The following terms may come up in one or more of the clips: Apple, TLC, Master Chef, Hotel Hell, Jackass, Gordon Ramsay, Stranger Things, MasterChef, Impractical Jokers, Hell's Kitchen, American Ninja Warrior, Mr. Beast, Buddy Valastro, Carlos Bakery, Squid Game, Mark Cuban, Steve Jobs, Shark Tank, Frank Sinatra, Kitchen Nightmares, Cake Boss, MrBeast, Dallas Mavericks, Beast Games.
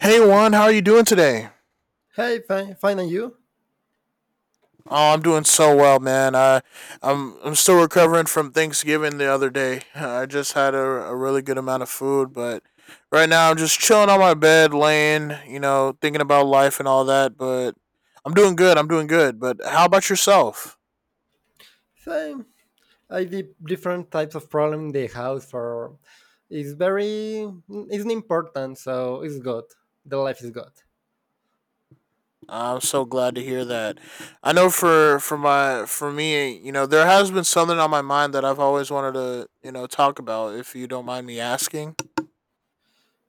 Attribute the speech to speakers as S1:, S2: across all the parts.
S1: Hey Juan, how are you doing today?
S2: Hey, fine, fine, and you?
S1: Oh, I'm doing so well, man. I'm still recovering from Thanksgiving the other day. I just had a really good amount of food, but right now I'm just chilling on my bed, laying, you know, thinking about life and all that. But I'm doing good. I'm doing good. But how about yourself?
S2: Same. I did different types of problem in the house for. It's very. It's important, so it's good. The life is good.
S1: I'm so glad to hear that. I know for me, you know, there has been something on my mind that I've always wanted to, you know, talk about. If you don't mind me asking.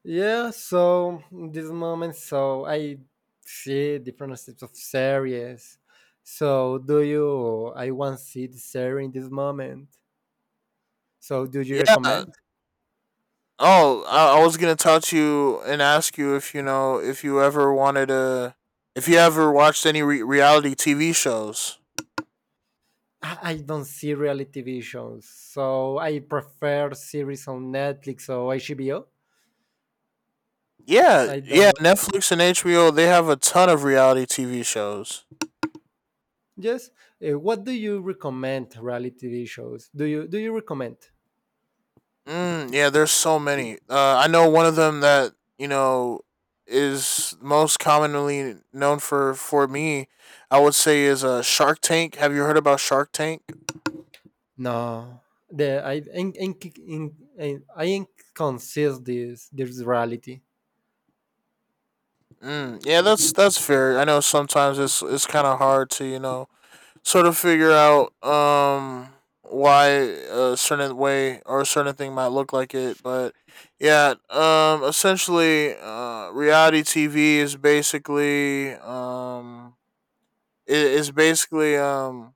S2: Yeah. So in this moment, so I see different types of series. So do you? I want to see the series in this moment. So do you
S1: Yeah.
S2: recommend?
S1: Oh, I was gonna talk to you and ask you if you know if you ever wanted to, if you ever watched any reality TV shows.
S2: I don't see reality TV shows, so I prefer series on Netflix or HBO.
S1: Yeah,
S2: I
S1: yeah.
S2: don't.
S1: Netflix and HBO they have a ton of reality TV shows.
S2: Yes. What do you recommend reality TV shows? Do you recommend?
S1: Yeah, there's so many. I know one of them that, you know, is most commonly known for me. I would say is a Shark Tank. Have you heard about Shark Tank?
S2: No. The I in- I inconsider this reality.
S1: Mm, yeah, that's fair. I know sometimes it's kind of hard to, you know, sort of figure out why a certain way or a certain thing might look like it. But yeah, essentially, reality TV is basically it is basically,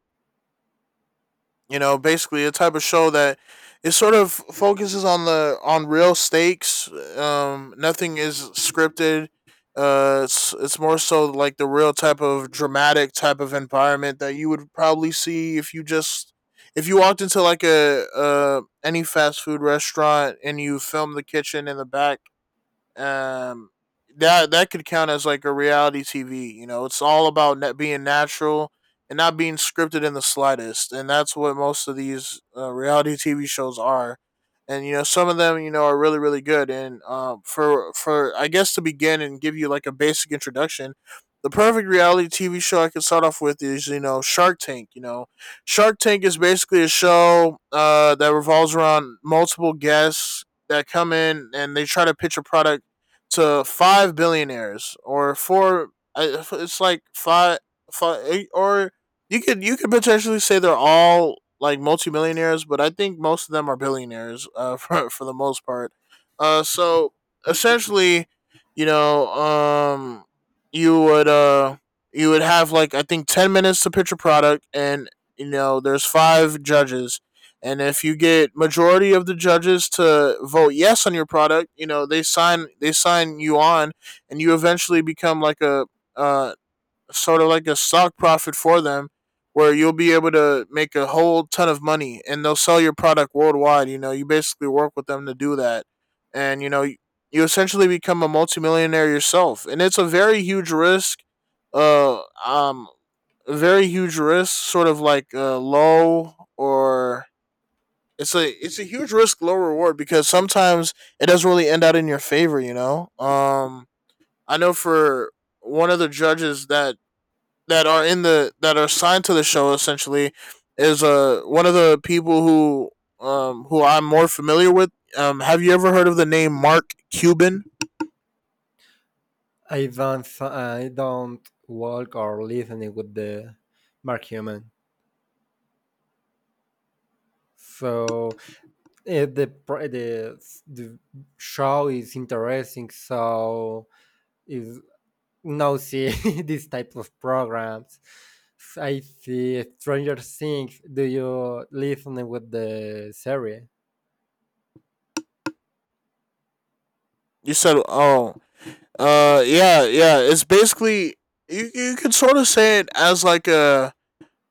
S1: you know, basically a type of show that it sort of focuses on the on real stakes. Nothing is scripted. It's more so like the real type of dramatic type of environment that you would probably see if you just, if you walked into like a any fast food restaurant and you filmed the kitchen in the back. Um that that could count as like a reality TV. You know, it's all about net being natural and not being scripted in the slightest, and that's what most of these reality TV shows are. And you know, some of them, you know, are really really good. And for, I guess, to begin and give you like a basic introduction. The perfect reality TV show I could start off with is, you know, Shark Tank. You know, Shark Tank is basically a show, that revolves around multiple guests that come in and they try to pitch a product to five billionaires or four. It's like five, five, eight, or you could, you could potentially say they're all like multimillionaires, but I think most of them are billionaires, for the most part. So essentially, you know, you would uh, you would have, like, I think, 10 minutes to pitch a product, and, you know, there's five judges. And if you get majority of the judges to vote yes on your product, you know, they sign you on, and you eventually become like a uh, sort of like a stock profit for them, where you'll be able to make a whole ton of money, and they'll sell your product worldwide. You know, you basically work with them to do that, and you know you, you essentially become a multimillionaire yourself, and it's a very huge risk. Uh, um, a very huge risk, sort of like low or it's a huge risk, low reward, because sometimes it doesn't really end out in your favor. You know, I know for one of the judges that that are in the that are assigned to the show essentially is one of the people who I'm more familiar with. Have you ever heard of the name Mark Cuban?
S2: I don't walk or listen with the Mark Human. So the, pr- the show is interesting. So is now see these type of programs. I see Stranger Things. Do you listen with the series?
S1: You said oh, yeah, yeah. It's basically you, you could sort of say it as like a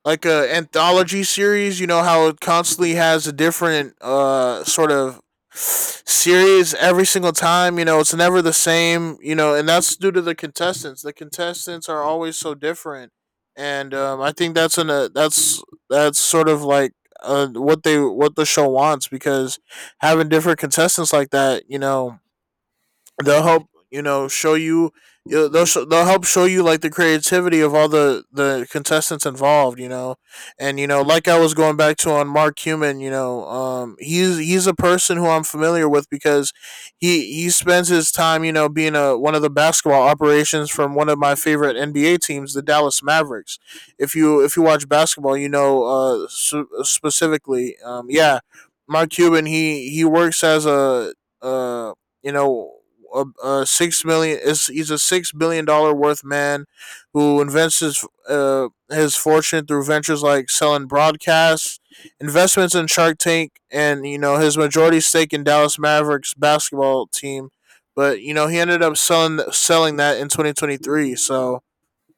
S1: like a anthology series. You know how it constantly has a different sort of series every single time. You know, it's never the same. You know, and that's due to the contestants. The contestants are always so different, and I think that's an that's sort of like, what they, what the show wants, because having different contestants like that, you know, they'll help, you know, show you, they'll help show you like the creativity of all the contestants involved, you know. And you know, like, I was going back to on Mark Cuban, you know, he's a person who I'm familiar with, because he spends his time, you know, being a one of the basketball operations from one of my favorite NBA teams, the Dallas Mavericks. If you, if you watch basketball, you know, specifically, yeah, Mark Cuban, he works as a uh you know, a six million is he's a $6 billion worth man who invents his fortune through ventures like selling broadcasts, investments in Shark Tank, and you know, his majority stake in Dallas Mavericks basketball team. But you know, he ended up selling that in 2023. So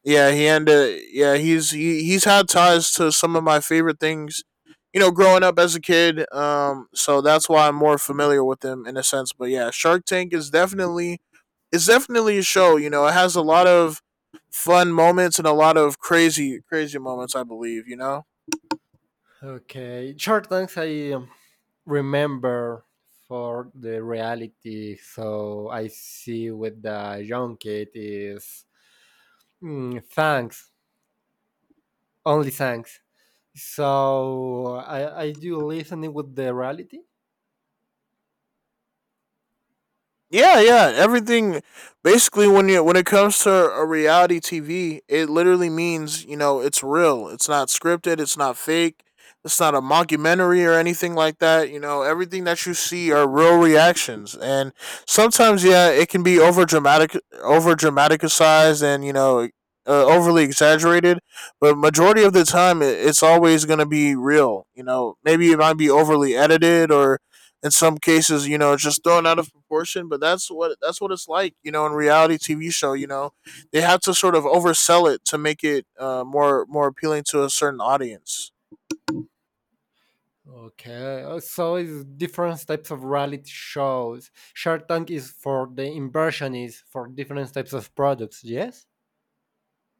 S1: yeah, he and yeah, he's he, he's had ties to some of my favorite things, you know, growing up as a kid. So that's why I'm more familiar with him in a sense. But yeah, Shark Tank is definitely, it's definitely a show. You know, it has a lot of fun moments and a lot of crazy moments, I believe, you know.
S2: Okay, short things I remember for the reality. So I see with the young kid is thanks, only thanks. So I do listening with the reality.
S1: Yeah, yeah, everything. Basically, when you, when it comes to a reality TV, it literally means, you know, it's real. It's not scripted. It's not fake. It's not a mockumentary or anything like that. You know, everything that you see are real reactions, and sometimes, yeah, it can be over dramatic, over dramaticized, and you know, overly exaggerated. But majority of the time, it, it's always going to be real. You know, maybe it might be overly edited or, in some cases, you know, just thrown out of proportion. But that's what it's like, you know, in reality TV show. You know, they have to sort of oversell it to make it, more appealing to a certain audience.
S2: Okay, so it's different types of reality shows. Shark Tank is for the inversions for different types of products. Yes.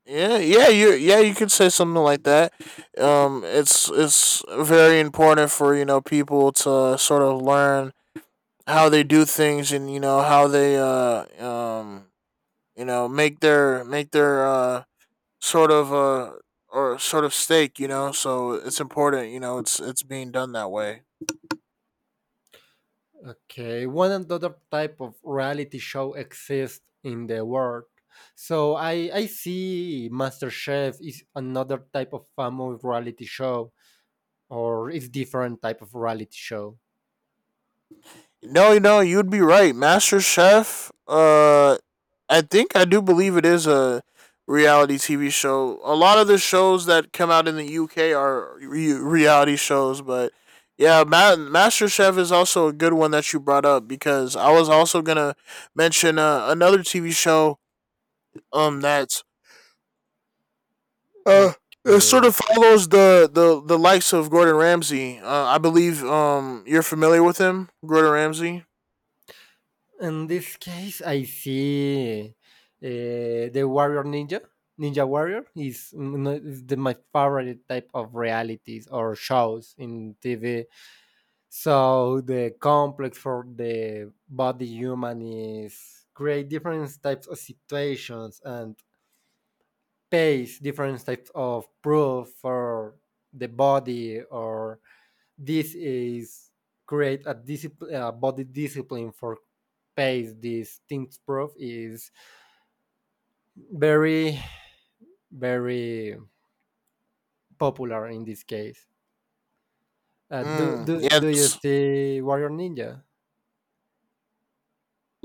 S1: Yeah, yeah, you, yeah, you could say something like that. It's very important for, you know, people to sort of learn how they do things, and you know, how they you know, make their sort of a, or sort of stake, you know. So it's important, you know. It's being done that way.
S2: Okay, one another type of reality show exists in the world. So I see MasterChef is another type of family reality show, or it's different type of reality show.
S1: No, no, you'd be right. Master Chef. I think I do believe it is a reality TV show. A lot of the shows that come out in the UK are reality shows, but yeah, Master Chef is also a good one that you brought up, because I was also gonna mention, another TV show that's Uh, it sort of
S2: Okay.
S1: follows the likes of Gordon Ramsay. I believe you're familiar with him, Gordon Ramsay.
S2: In this case, I see the Warrior Ninja. Ninja Warrior is, is the, my favorite type of realities or shows in TV. So the complex for the body human is create different types of situations and pace different types of proof for the body or this is create a discipline, a body discipline for pace. This things proof is very, very popular in this case.
S1: Mm, yeah,
S2: Do you
S1: that's,
S2: see Warrior Ninja?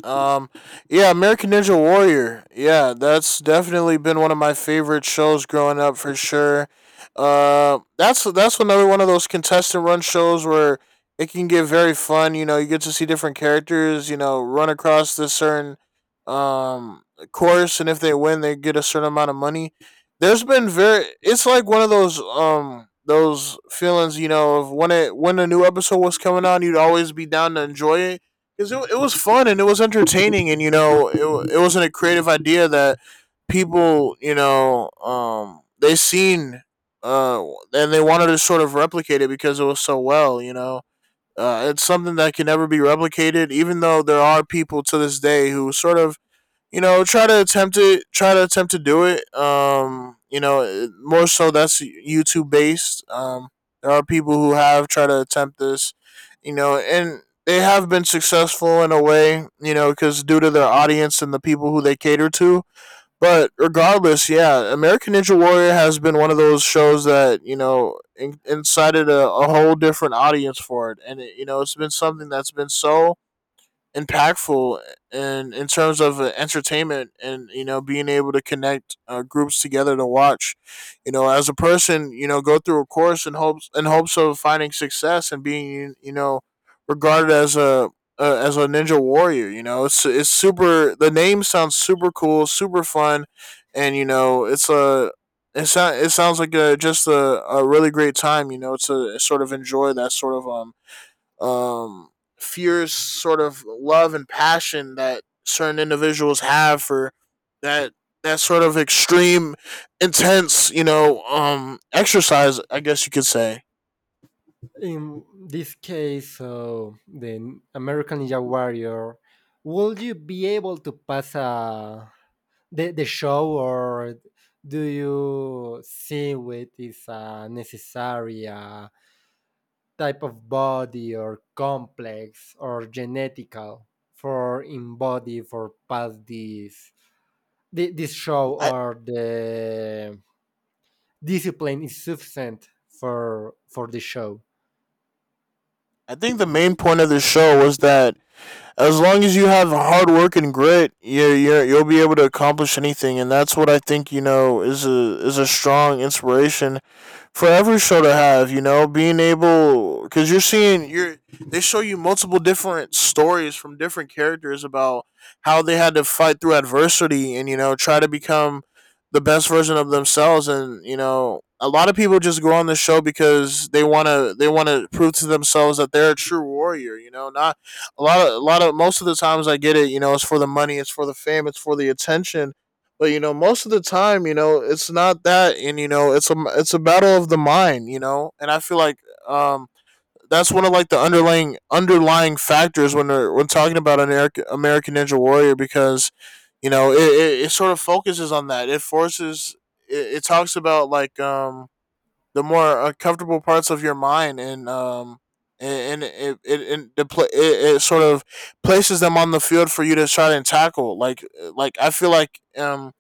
S1: Um, yeah, American Ninja Warrior. Yeah, that's definitely been one of my favorite shows growing up for sure. That's another one of those contestant run shows where it can get very fun. You know, you get to see different characters, you know, run across this certain um course, and if they win, they get a certain amount of money. There's been very. It's like one of those feelings, you know, of when it, when a new episode was coming on, you'd always be down to enjoy it because it was fun and it was entertaining, and you know it, it wasn't a creative idea that people, you know, they seen, uh and they wanted to sort of replicate it, because it was so well, you know. It's something that can never be replicated, even though there are people to this day who sort of, you know, try to attempt it, try to attempt to do it. You know, more so that's YouTube based. There are people who have tried to attempt this, you know, and they have been successful in a way, you know, because due to their audience and the people who they cater to. But regardless, yeah, American Ninja Warrior has been one of those shows that incited a whole different audience for it, and it, you know it's been something that's been so impactful in terms of entertainment and you know being able to connect groups together to watch you know as a person you know go through a course in hopes of finding success and being regarded as a ninja warrior. You know, it's super, the name sounds super cool, super fun. And you know it sounds like just a really great time, you know, to sort of enjoy that sort of um, fierce sort of love and passion that certain individuals have for that that sort of extreme, intense, you know, exercise, I guess you could say.
S2: In this case, so the American Ninja Warrior, would you be able to pass a, the show or do you see it is necessary type of body or complex or genetical for in body for past this show
S1: I
S2: or the discipline is sufficient for the show.
S1: I think the main point of this show was that as long as you have hard work and grit, you'll be able to accomplish anything, and that's what I think, you know, is a strong inspiration for every show to have. You know, being able, because you're seeing, you're, they show you multiple different stories from different characters about how they had to fight through adversity and you know try to become the best version of themselves. And you know, a lot of people just go on the show because they want to prove to themselves that they're a true warrior, you know. Not a lot of a lot of most of the times, I get it, you know, it's for the money, it's for the fame, it's for the attention, but you know most of the time, you know, it's not that, and you know it's a battle of the mind, you know. And I feel like um that's one of like the underlying factors when talking about American ninja warrior, because you know it sort of focuses on that. It talks about like the more uncomfortable parts of your mind. And and, it it, it, it sort of places them on the field for you to try and tackle. Like, I feel like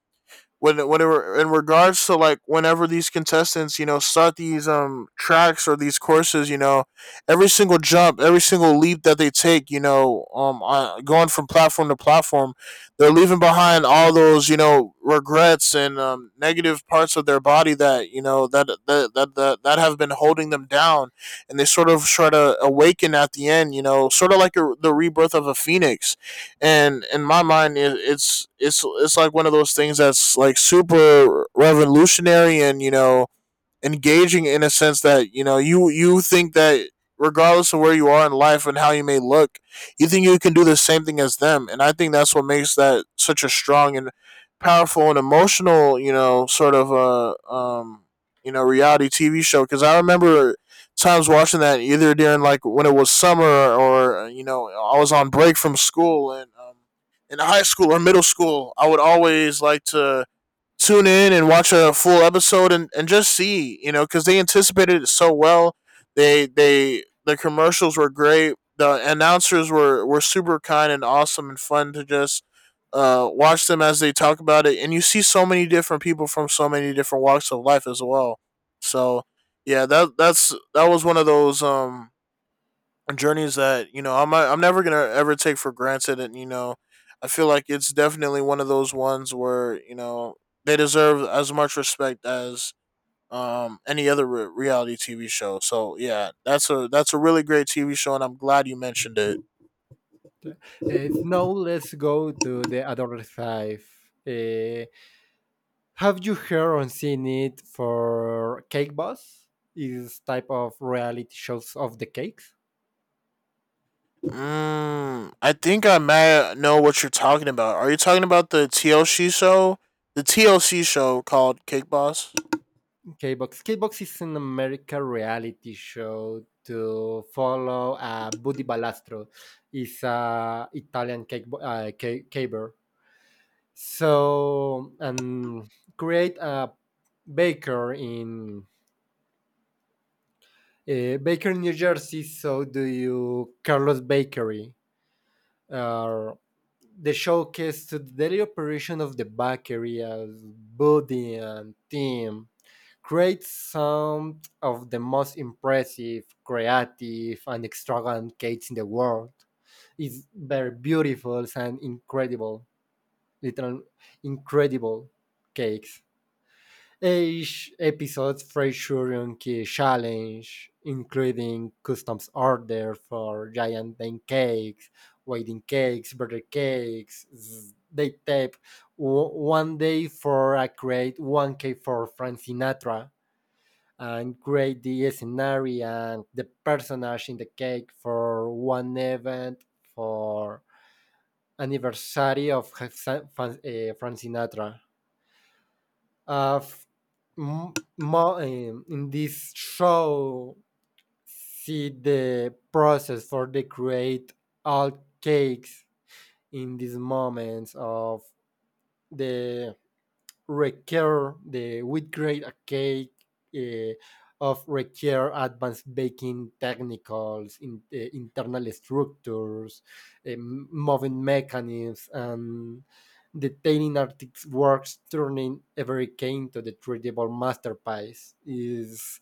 S1: whenever in regards to like whenever these contestants, you know, start these tracks or these courses, you know, every single jump, every single leap that they take, you know, going from platform to platform, they're leaving behind all those, you know, regrets and negative parts of their body that that have been holding them down. And they sort of try to awaken at the end, you know, sort of like the rebirth of a phoenix. And in my mind it's like one of those things that's like super revolutionary and, you know, engaging, in a sense that, you know, you think that regardless of where you are in life and how you may look, you think you can do the same thing as them. And I think that's what makes that such a strong and powerful and emotional, you know, sort of a you know reality TV show. Because I remember times watching that either during like when it was summer or, you know, I was on break from school, and in high school or middle school I would always like to tune in and watch a full episode, and just see, you know, because they anticipated it so well. They the commercials were great. The announcers were super kind and awesome and fun to just watch them as they talk about it. And you see so many different people from so many different walks of life as well. So yeah, that that was one of those journeys that, you know, I'm never gonna ever take for granted. And you know, I feel like it's definitely one of those ones where, you know, they deserve as much respect as any other reality TV show. So yeah, that's a really great TV show, and I'm glad you mentioned it.
S2: Now let's go to the other side. Uh, have you heard or seen it for Cake Boss? Is type of reality shows of the cakes?
S1: Mm, I think I may know what you're talking about. Are you talking about the TLC show? The TLC show called Cake Boss.
S2: K-Box. K-Box is an American reality show to follow Buddy Balastro. Is a Italian cake, caber. So, and create a baker in Baker, New Jersey. So do you Carlos Bakery. Uh, the showcase to the daily operation of the bakery as Buddy and Tim creates some of the most impressive, creative, and extravagant cakes in the world. It's very beautiful and incredible, little incredible cakes. Each episode featuring key challenge, including customs order for giant pancakes, wedding cakes, birthday cakes. They tape one day for a create, one cake for Frank Sinatra and create the scenario and the personage in the cake for one event for anniversary of Frank Sinatra. Uh, in this show, see the process for the create all cakes in these moments of the Recur, the wheat grade cake uh, of Recur advanced baking technicals, in, internal structures, moving mechanisms, and detailing artist works, turning every cane to the treatable masterpiece is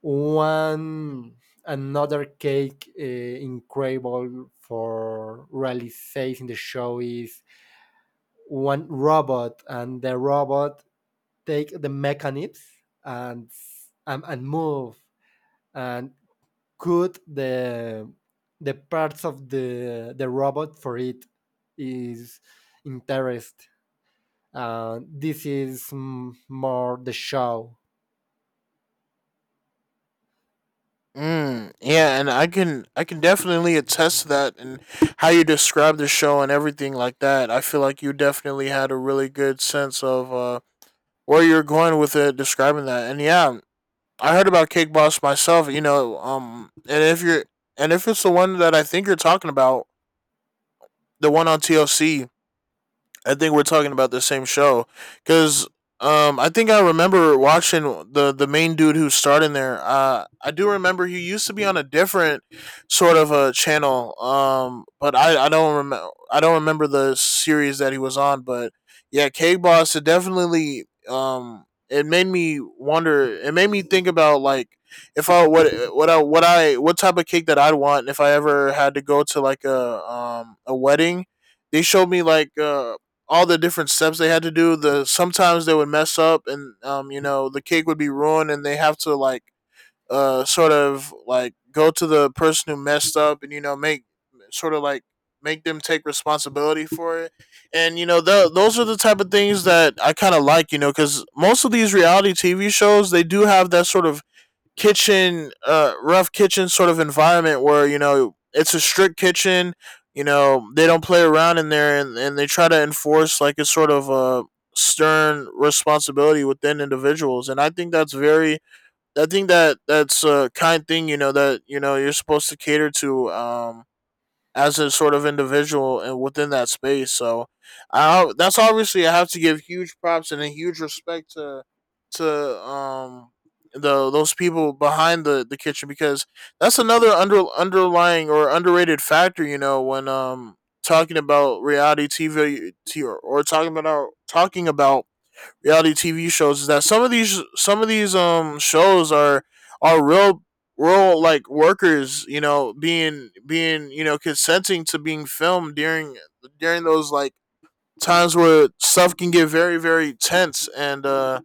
S2: one another cake incredible for realizing the show is one robot and the robot take the mechanisms and and move and cut the parts of the robot for it is interest. This is more the show.
S1: Mm, yeah, and I can definitely attest to that and how you describe the show and everything like that. I feel like you definitely had a really good sense of where you're going with it, describing that. And yeah, I heard about Cake Boss myself. You know, and if you're and if it's the one that I think you're talking about, the one on TLC, I think we're talking about the same show because I think I remember watching the main dude who starred in there. I do remember he used to be on a different sort of a channel, but I don't remember, I don't remember the series that he was on. But yeah, Cake Boss, it definitely, it made me wonder. It made me think about like if I what type of cake that I'd want if I ever had to go to like a wedding. They showed me like, all the different steps they had to do. The Sometimes they would mess up, and you know, the cake would be ruined, and they have to like sort of like go to the person who messed up, and you know, make sort of like make them take responsibility for it. And you know, those are the type of things that I kind of like, you know, because most of these reality TV shows, they do have that sort of kitchen rough kitchen sort of environment where, you know, it's a strict kitchen, you know they don't play around in there. And they try to enforce like a sort of a stern responsibility within individuals, and I think that's very, I think that that's a kind thing, you know, that, you know, you're supposed to cater to as a sort of individual and within that space. So I that's obviously I have to give huge props and a huge respect to to um the those people behind the kitchen, because that's another underlying or underrated factor. You know, when talking about reality V, or talking about reality TV shows, is that some of these shows are are real real like workers, you know, being, you know, consenting to being filmed during those like times where stuff can get very tense, and uh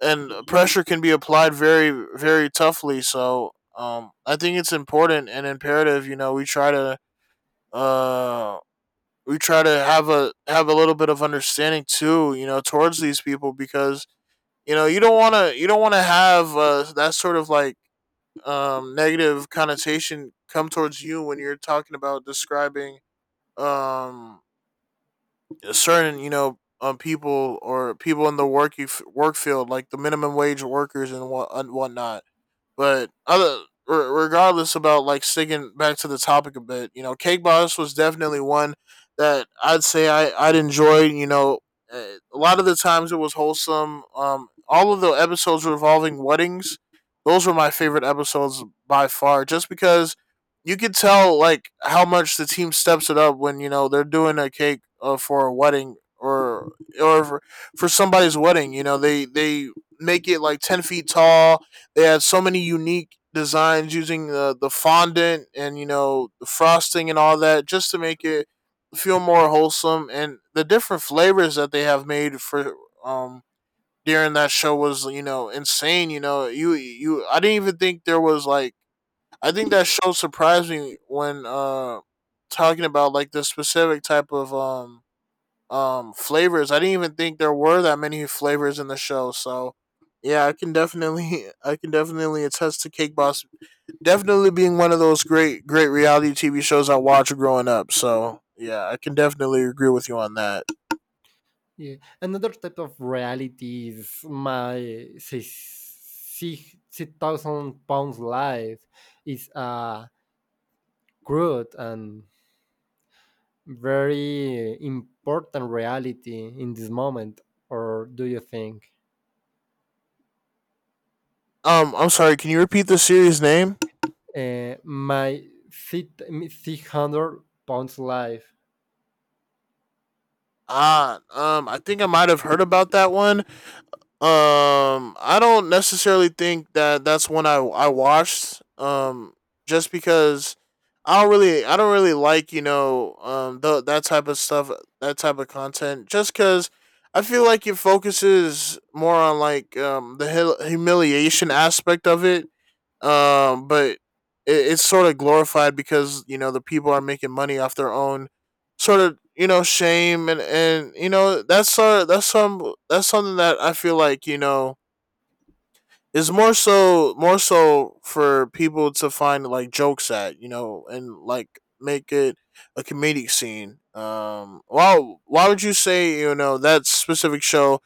S1: and pressure can be applied very toughly. So um, I think it's important and imperative, you know, we try to uh have a little bit of understanding too, you know, towards these people, because you don't want to have, that sort of like, negative connotation come towards you when you're talking about describing um, a certain, you know, people, or people in the work field like the minimum wage workers and whatnot. But other regardless, about like sticking back to the topic a bit, you know, Cake Boss was definitely one that I'd say I'd enjoy. You know, a lot of the times it was wholesome. All of the episodes revolving weddings, those were my favorite episodes by far, just because you could tell like how much the team steps it up when, you know, they're doing a cake for a wedding, or for, for somebody's wedding. You know, they make it like 10 feet tall. They had so many unique designs using the fondant and you know the frosting and all that just to make it feel more wholesome. And the different flavors that they have made for um during that show was, you know, insane. You know, you, I didn't even think there was like, I think that show surprised me when talking about like the specific type of flavors. I didn't even think there were that many flavors in the show. So yeah, I can definitely I can definitely attest to Cake Boss definitely being one of those great reality TV shows I watched growing up. So yeah, I can definitely agree with you on that.
S2: Yeah. Another type of reality is my six thousand pounds life is a Groot and very important reality in this moment, or do you think?
S1: I'm sorry, can you repeat the series name?
S2: 600 pounds life.
S1: Ah, I think I might have heard about that one. I don't necessarily think that that's one I watched. Just because I don't really like, you know, that type of stuff, that type of content. Just because I feel like it focuses more on like the humiliation aspect of it, um, but it's sort of glorified because, you know, the people are making money off their own sort of, you know, shame. And you know that's sort of, that's some that's something that I feel like, you know, is more so for people to find like jokes at, you know, and like make it a comedic scene. Um, why would you say, you know, that specific show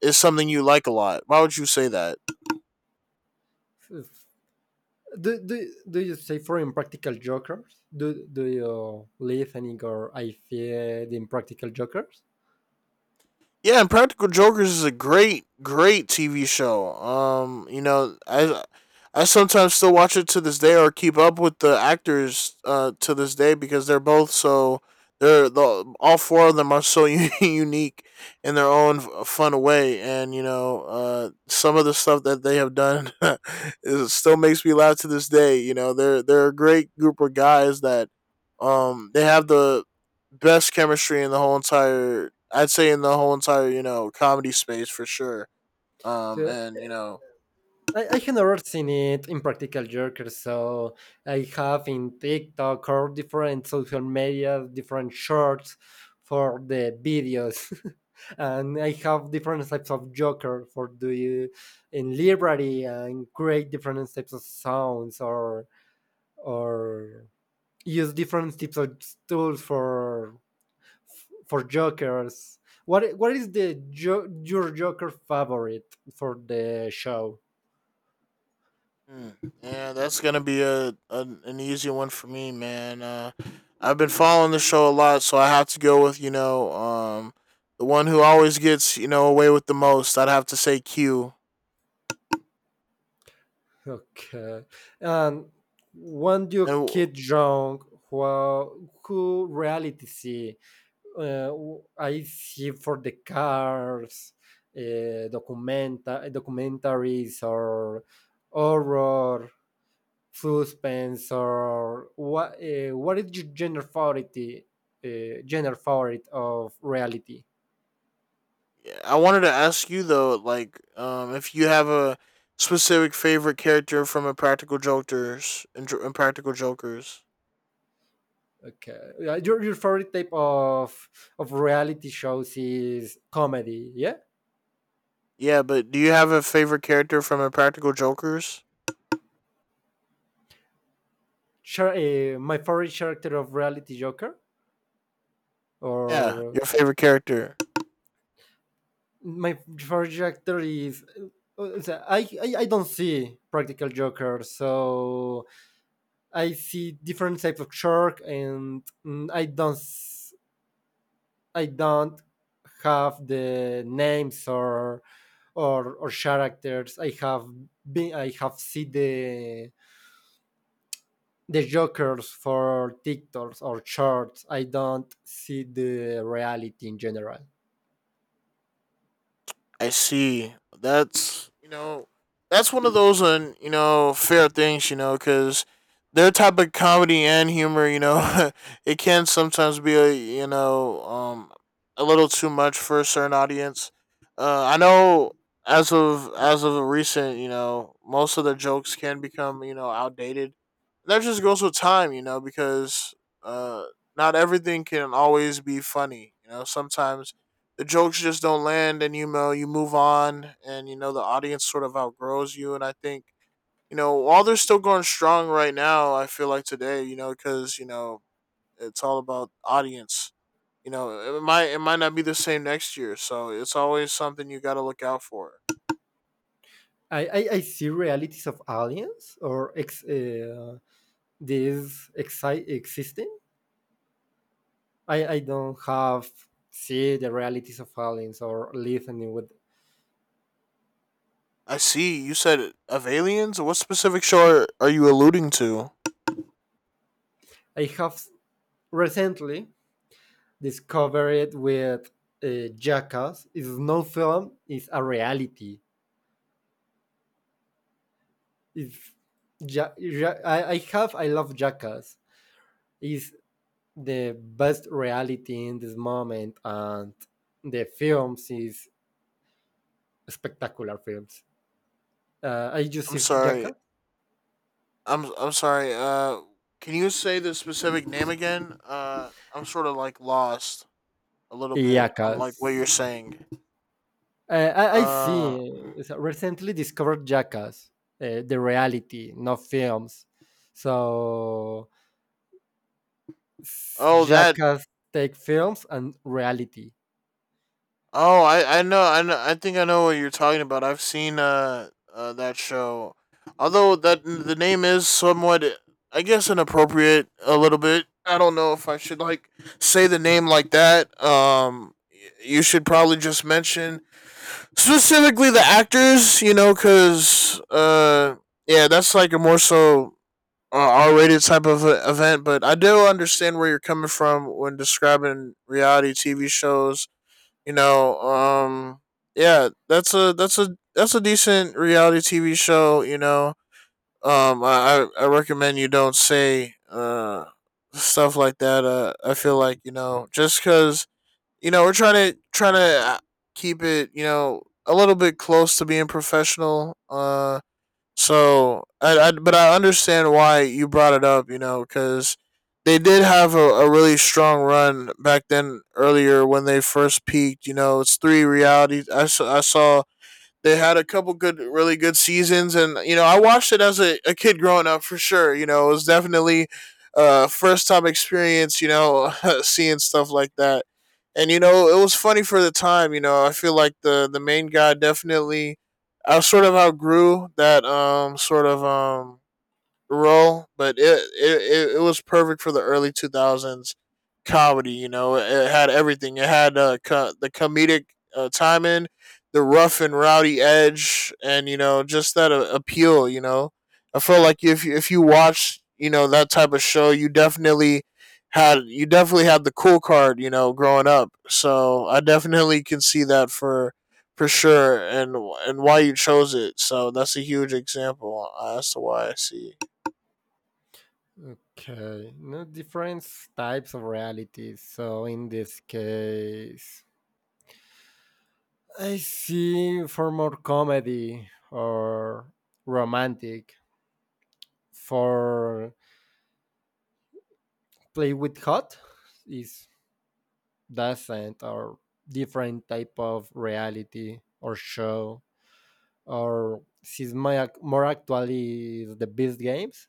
S1: is something you like a lot? Why would you say that?
S2: Do, do, do you say for Impractical Jokers? Do you listening or I fear the Impractical Jokers?
S1: Yeah, and Practical Jokers is a great, great TV show. I sometimes still watch it to this day or keep up with the actors to this day because they're both so they're the, all four of them are so unique in their own fun way, and you know some of the stuff that they have done is still makes me laugh to this day. You know, they're a great group of guys that they have the best chemistry in the whole entire, I'd say in the whole entire, you know, comedy space for sure.
S2: So
S1: And you know,
S2: I have never seen it in Practical Jokers, so I have in TikTok or different social media, different shorts for the videos. and I have different types of Joker for do in library and create different types of sounds or use different types of tools for Jokers. What is your Joker favorite for the show?
S1: hmm, Yeah, that's going to be a an easy one for me, man. I've been following the show a lot, so I have to go with, you know, the one who always gets, you know, away with the most. I'd have to say Q.
S2: Okay. And when
S1: And
S2: you
S1: I
S2: get young, who reality see? Uh, I see for the cars, documentaries, or horror, suspense, or what? What is your genre favorite? Genre favorite of reality?
S1: wanted to ask you though, like if you have a specific favorite character from Impractical Jokers, Impractical Jokers.
S2: Okay, your favorite type of reality shows is comedy, yeah?
S1: Yeah, but do you have a favorite character from Impractical Jokers?
S2: My favorite character of reality Joker,
S1: Yeah,
S2: or
S1: your favorite character.
S2: my favorite character is. I don't see practical Joker, so I see different types of shark, and I don't I don't have the names or or characters. I have seen the jokers for TikToks or shorts. I don't see the reality in general.
S1: I see. That's, you know, that's one of those you know, fair things, you know, because their type of comedy and humor, you know, it can sometimes be, a you know, a little too much for a certain audience. I know as of recent, you know, most of the jokes can become, you know, outdated. That just goes with time, you know, because uh not everything can always be funny. You know, sometimes the jokes just don't land, and you know, you move on, and you know, the audience sort of outgrows you. And I think, you know, while they're still going strong right now, I feel like today, you know, because you know, it's all about audience. You know, it might, not be the same next year, so it's always something you got to look out for.
S2: I see realities of aliens or this existing. I don't have see the realities of aliens or listening with.
S1: I see you said of aliens. What specific show are you alluding to?
S2: I have recently discovered with Jackass is no film is a reality. It's I have I love Jackass is the best reality in this moment and the films is spectacular films. I
S1: I'm
S2: Joseph
S1: sorry.
S2: Jaka.
S1: I'm sorry. Can you say the specific name again? I'm sort of like lost a little bit on
S2: Yakas.
S1: like what you're saying.
S2: I
S1: Uh
S2: see. So recently discovered Jackass, the reality, not films. So
S1: oh that
S2: Jackass take films and reality.
S1: Oh, I know, I know. I think I know what you're talking about. I've seen that show. Although that the name is somewhat, I guess, inappropriate a little bit. I don't know if I should like say the name like that. You should probably just mention specifically the actors, you know, cuz yeah, that's like a more so R-rated type of event, but I do understand where you're coming from when describing reality TV shows. You know, yeah, that's a that's a that's a decent reality TV show. You know, I recommend you don't say stuff like that. I feel like, you know, just because you know, we're trying to keep it, you know, a little bit close to being professional. So I but I understand why you brought it up, you know, because they did have a really strong run back then earlier when they first peaked. You know, it's three reality. I saw they had a couple good, really good seasons, and you know, I watched it as a kid growing up for sure. You know, it was definitely first time experience. You know, seeing stuff like that, and you know, it was funny for the time. You know, I feel like the main guy definitely, I sort of outgrew that sort of role, but it was perfect for the early 2000s comedy. You know, it had everything. It had the comedic timing, the rough and rowdy edge, and you know, just that appeal. You know, I feel like if you watch, you know, that type of show, you definitely had the cool card. You know, growing up, so I definitely can see that for. For sure, and why you chose it, so that's a huge example as to why I see.
S2: Okay, no different types of reality. So in this case, I see for more comedy or romantic. For play with hot is doesn't or different type of reality or show or she's my, more actually the best games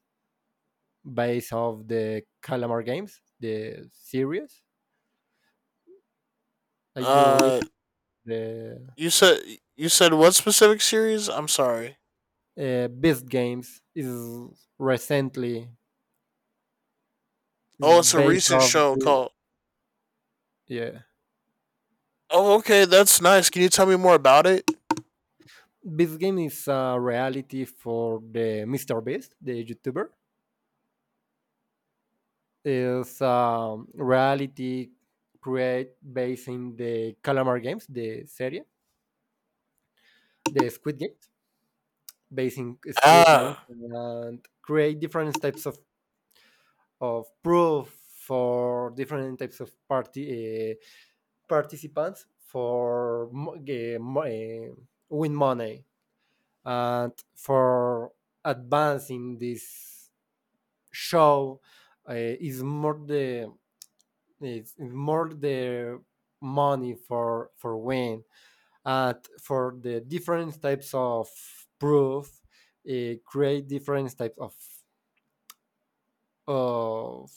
S2: based of the calamar games the series I do believe
S1: Uh,
S2: the
S1: you said what specific series? I'm sorry.
S2: best games is recently is
S1: Oh, it's a
S2: based
S1: recent
S2: off
S1: show
S2: the
S1: called.
S2: yeah
S1: Oh, okay, that's nice. Can you tell me more about it?
S2: this game is a reality for the mr beast the youtuber is reality create based in the Calamar games, the serie, the Squid Games, based in Squid Games,
S1: Ah,
S2: and create different types of proof for different types of party participants for win money and for advancing this show is more the it's more the money for win, and for the different types of proof create different types of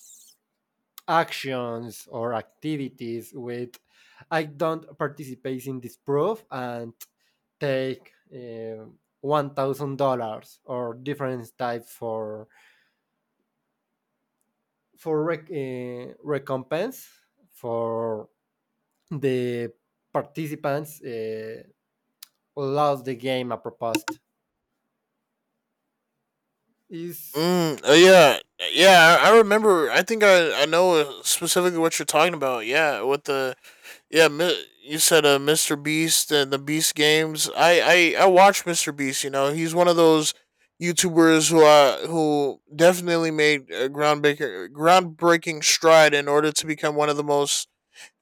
S2: actions or activities with I don't participate in this proof and take $1000 or different types for recompense for the participants lost the game a proposed is
S1: yeah, yeah. I remember. I think I know specifically what you're talking about. Yeah, with the yeah. You said Mr. Beast and the Beast games. I watch Mr. Beast. You know, he's one of those YouTubers who definitely made a groundbreaking stride in order to become one of the most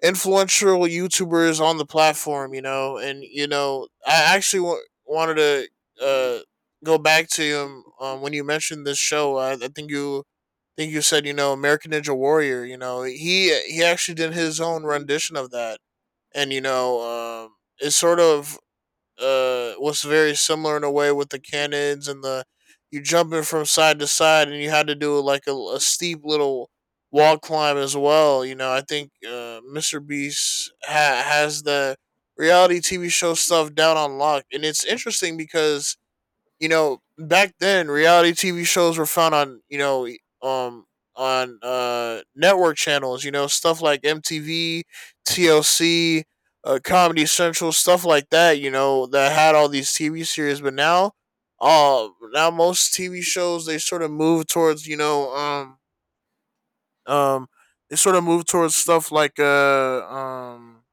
S1: influential YouTubers on the platform. You know, and you know, I actually wanted to uh, go back to when you mentioned this show. I think you said, you know, American Ninja Warrior. You know, he actually did his own rendition of that, and you know, it sort of was very similar in a way with the cannons and the you jumping from side to side, and you had to do like a steep little wall climb as well. You know, I think Mr. Beast has the reality TV show stuff down on lock, and it's interesting because you know, back then reality TV shows were found on, you know, on network channels, you know, stuff like MTV, TLC, Comedy Central, stuff like that, you know, that had all these TV series, but now most TV shows they sort of move towards, you know, um they sort of move towards stuff like uh um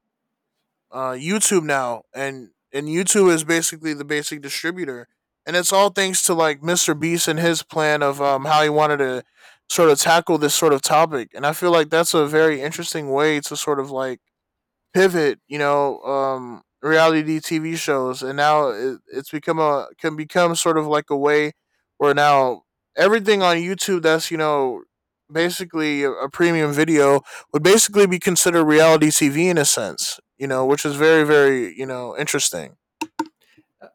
S1: uh, YouTube now, and YouTube is basically the basic distributor, and it's all thanks to like Mr. Beast and his plan of how he wanted to sort of tackle this sort of topic, and I feel like that's a very interesting way to sort of like pivot, you know, reality TV shows, and now it's become a can become sort of like a way where now everything on YouTube that's, you know, basically a premium video would basically be considered reality TV in a sense, you know, which is very, very, you know, interesting.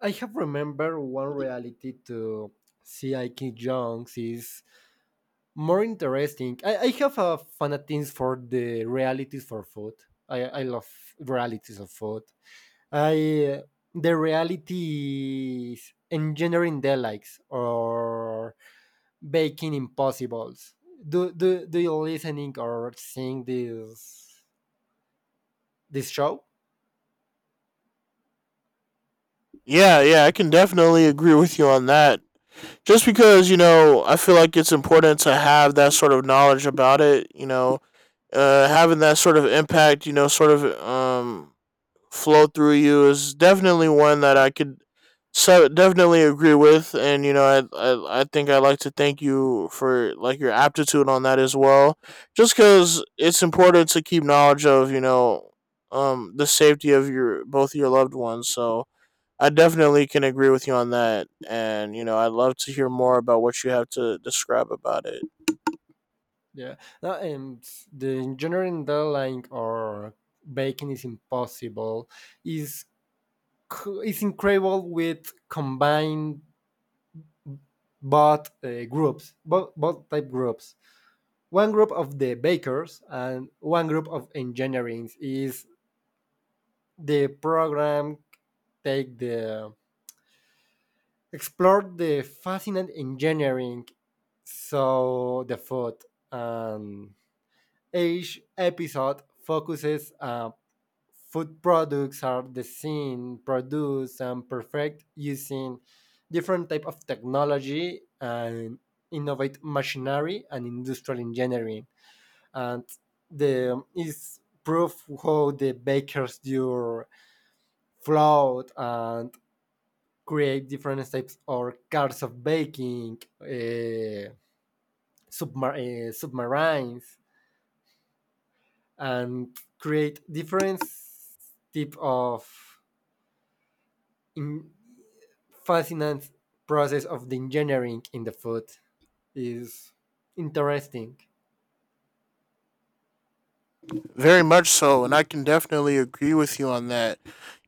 S2: I have remembered one reality to see Ike Jones is more interesting. I have a fanatism for the realities for food. I love realities of food. I the reality is engineering delights or baking impossibles. Do you listening or seeing this show?
S1: Yeah, yeah, I can definitely agree with you on that. Just because, you know, I feel like it's important to have that sort of knowledge about it. You know, having that sort of impact, you know, sort of flow through you is definitely one that I could so definitely agree with. And you know, I I think I'd like to thank you for like your aptitude on that as well, just because it's important to keep knowledge of, you know, the safety of your both your loved ones. So I definitely can agree with you on that. And, you know, I'd love to hear more about what you have to describe about it.
S2: Yeah, no, and the engineering deadline or baking is impossible. Is is incredible with combined both groups, both type groups. One group of the bakers and one group of engineering is the program take the explore the fascinating engineering, so the food and each episode focuses Food products are designed, produced, and perfect using different type of technology and innovate machinery and industrial engineering. And the is proof how the bakers do flour and create different types or cars of baking, submar- submarines, and create different type of in fascinating process of the engineering in the food is interesting.
S1: Very much so. And I can definitely agree with you on that.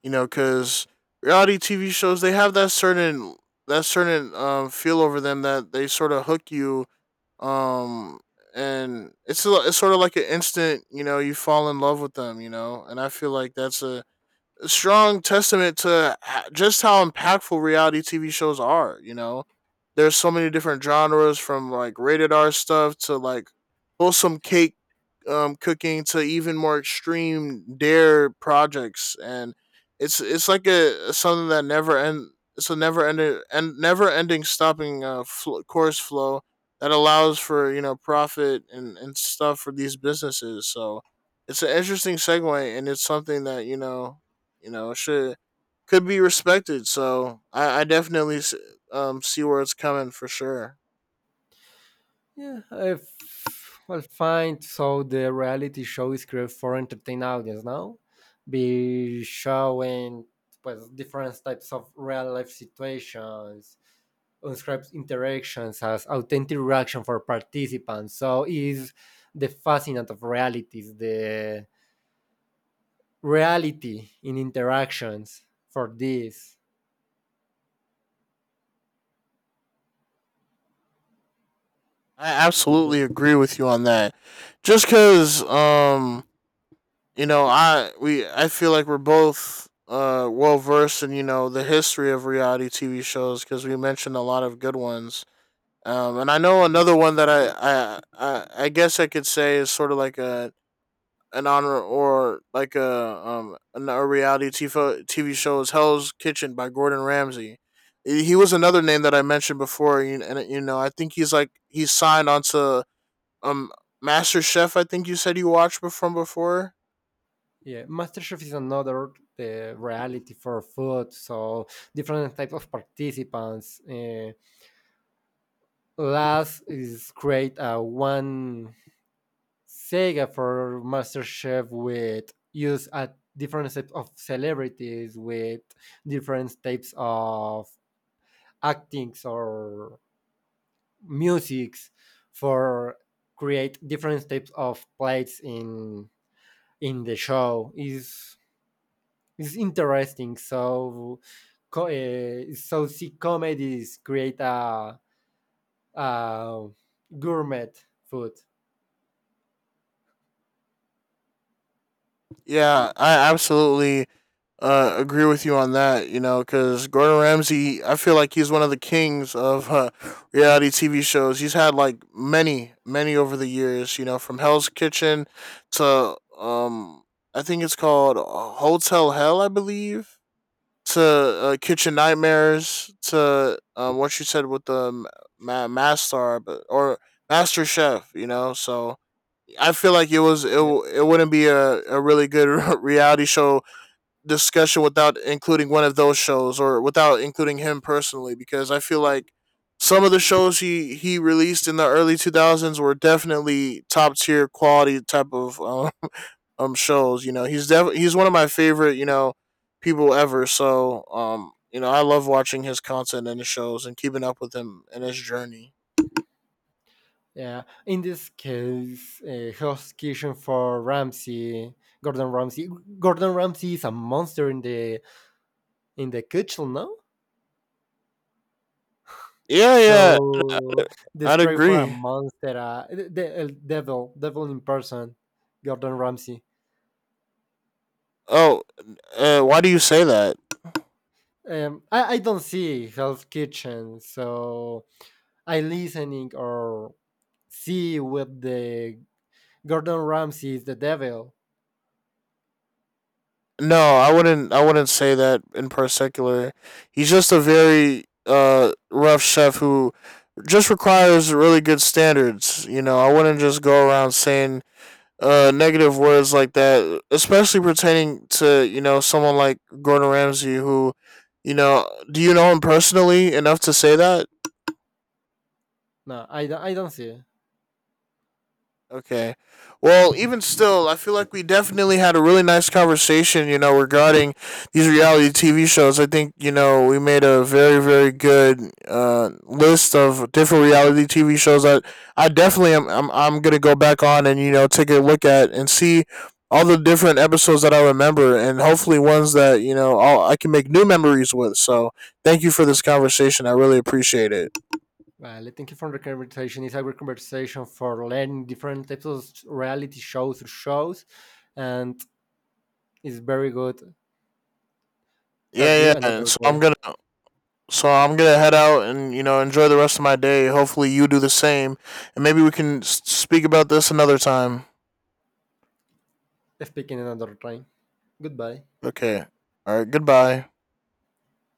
S1: You know, because reality TV shows, they have that certain feel over them that they sort of hook you um and it's it's sort of like an instant, you know, you fall in love with them, you know, and I feel like that's a strong testament to just how impactful reality TV shows are. You know, there's so many different genres from like rated R stuff to like wholesome cake cooking to even more extreme dare projects, and it's like a something that never end. It's a never ending and never ending stopping course flow that allows for, you know, profit and stuff for these businesses. So it's an interesting segue, and it's something that you know, should could be respected. So I definitely see where it's coming for sure.
S2: Well find so the reality show is created for entertain audience now, be showing well, different types of real life situations, unscripted interactions as authentic reaction for participants. So is the fascinant of realities, the reality in interactions for this.
S1: I absolutely agree with you on that. Just because you know, I feel like we're both well versed in, you know, the history of reality TV shows, because we mentioned a lot of good ones. And I know another one that I guess I could say is sort of like a an honor or like a reality TV show is Hell's Kitchen by Gordon Ramsay. He was another name that I mentioned before, and you know, I think he's like he's signed onto um Master Chef. I think you said you watched from before.
S2: Yeah, MasterChef is another reality for food, so different type of participants. Last is create a one saga for MasterChef with use a different set of celebrities with different types of actings or musics for create different types of plates in the show is it's interesting. So see comedies create a gourmet food.
S1: Yeah, I absolutely agree with you on that. You know, because Gordon Ramsay, I feel like he's one of the kings of reality TV shows. He's had like many, many over the years. You know, from Hell's Kitchen to I think it's called Hotel Hell, I believe, to Kitchen Nightmares to what you said with the ma- master, but or Master Chef. You know, so I feel like
S2: Yeah.
S1: it wouldn't be a really good reality show discussion without including one of those shows or without including him personally, because I feel like some of the shows he released in the early 2000s were definitely top tier quality type of shows, you know. He's one of my favorite, you know, people ever. So, you know, I love watching his content and his shows and keeping up with him and his journey.
S2: Yeah. In this case, Hell's Kitchen for Ramsey, Gordon Ramsay. Gordon Ramsay is a monster in the kitchen, no?
S1: Yeah, yeah.
S2: So
S1: I'd
S2: describe for a
S1: agree.
S2: monster, devil in person, Gordon Ramsay.
S1: Oh, why do you say that?
S2: I don't see Hell's Kitchen, so I listening or see with the Gordon Ramsay is the devil.
S1: No, I wouldn't. I wouldn't say that in particular. He's just a very rough chef who just requires really good standards. You know, I wouldn't just go around saying negative words like that, especially pertaining to, you know, someone like Gordon Ramsay, who, you know, do you know him personally enough to say that?
S2: No, I don't see. It.
S1: Okay. Well, even still, I feel like we definitely had a really nice conversation, you know, regarding these reality TV shows. I think, you know, we made a very, very good list of different reality TV shows that I definitely am I'm going to go back on and, you know, take a look at and see all the different episodes that I remember and hopefully ones that, you know, I can make new memories with. So thank you for this conversation. I really appreciate it.
S2: Well, I think from the conversation. Is a great conversation for learning different types of reality shows or shows, and it's very good. Talk to
S1: Yeah, yeah.
S2: you
S1: And
S2: another
S1: so I'm
S2: day.
S1: going to. So I'm gonna head out and you know, enjoy the rest of my day. Hopefully you do the same, and maybe we can speak about this another time.
S2: Speaking another time. Goodbye.
S1: Okay. All right. Goodbye.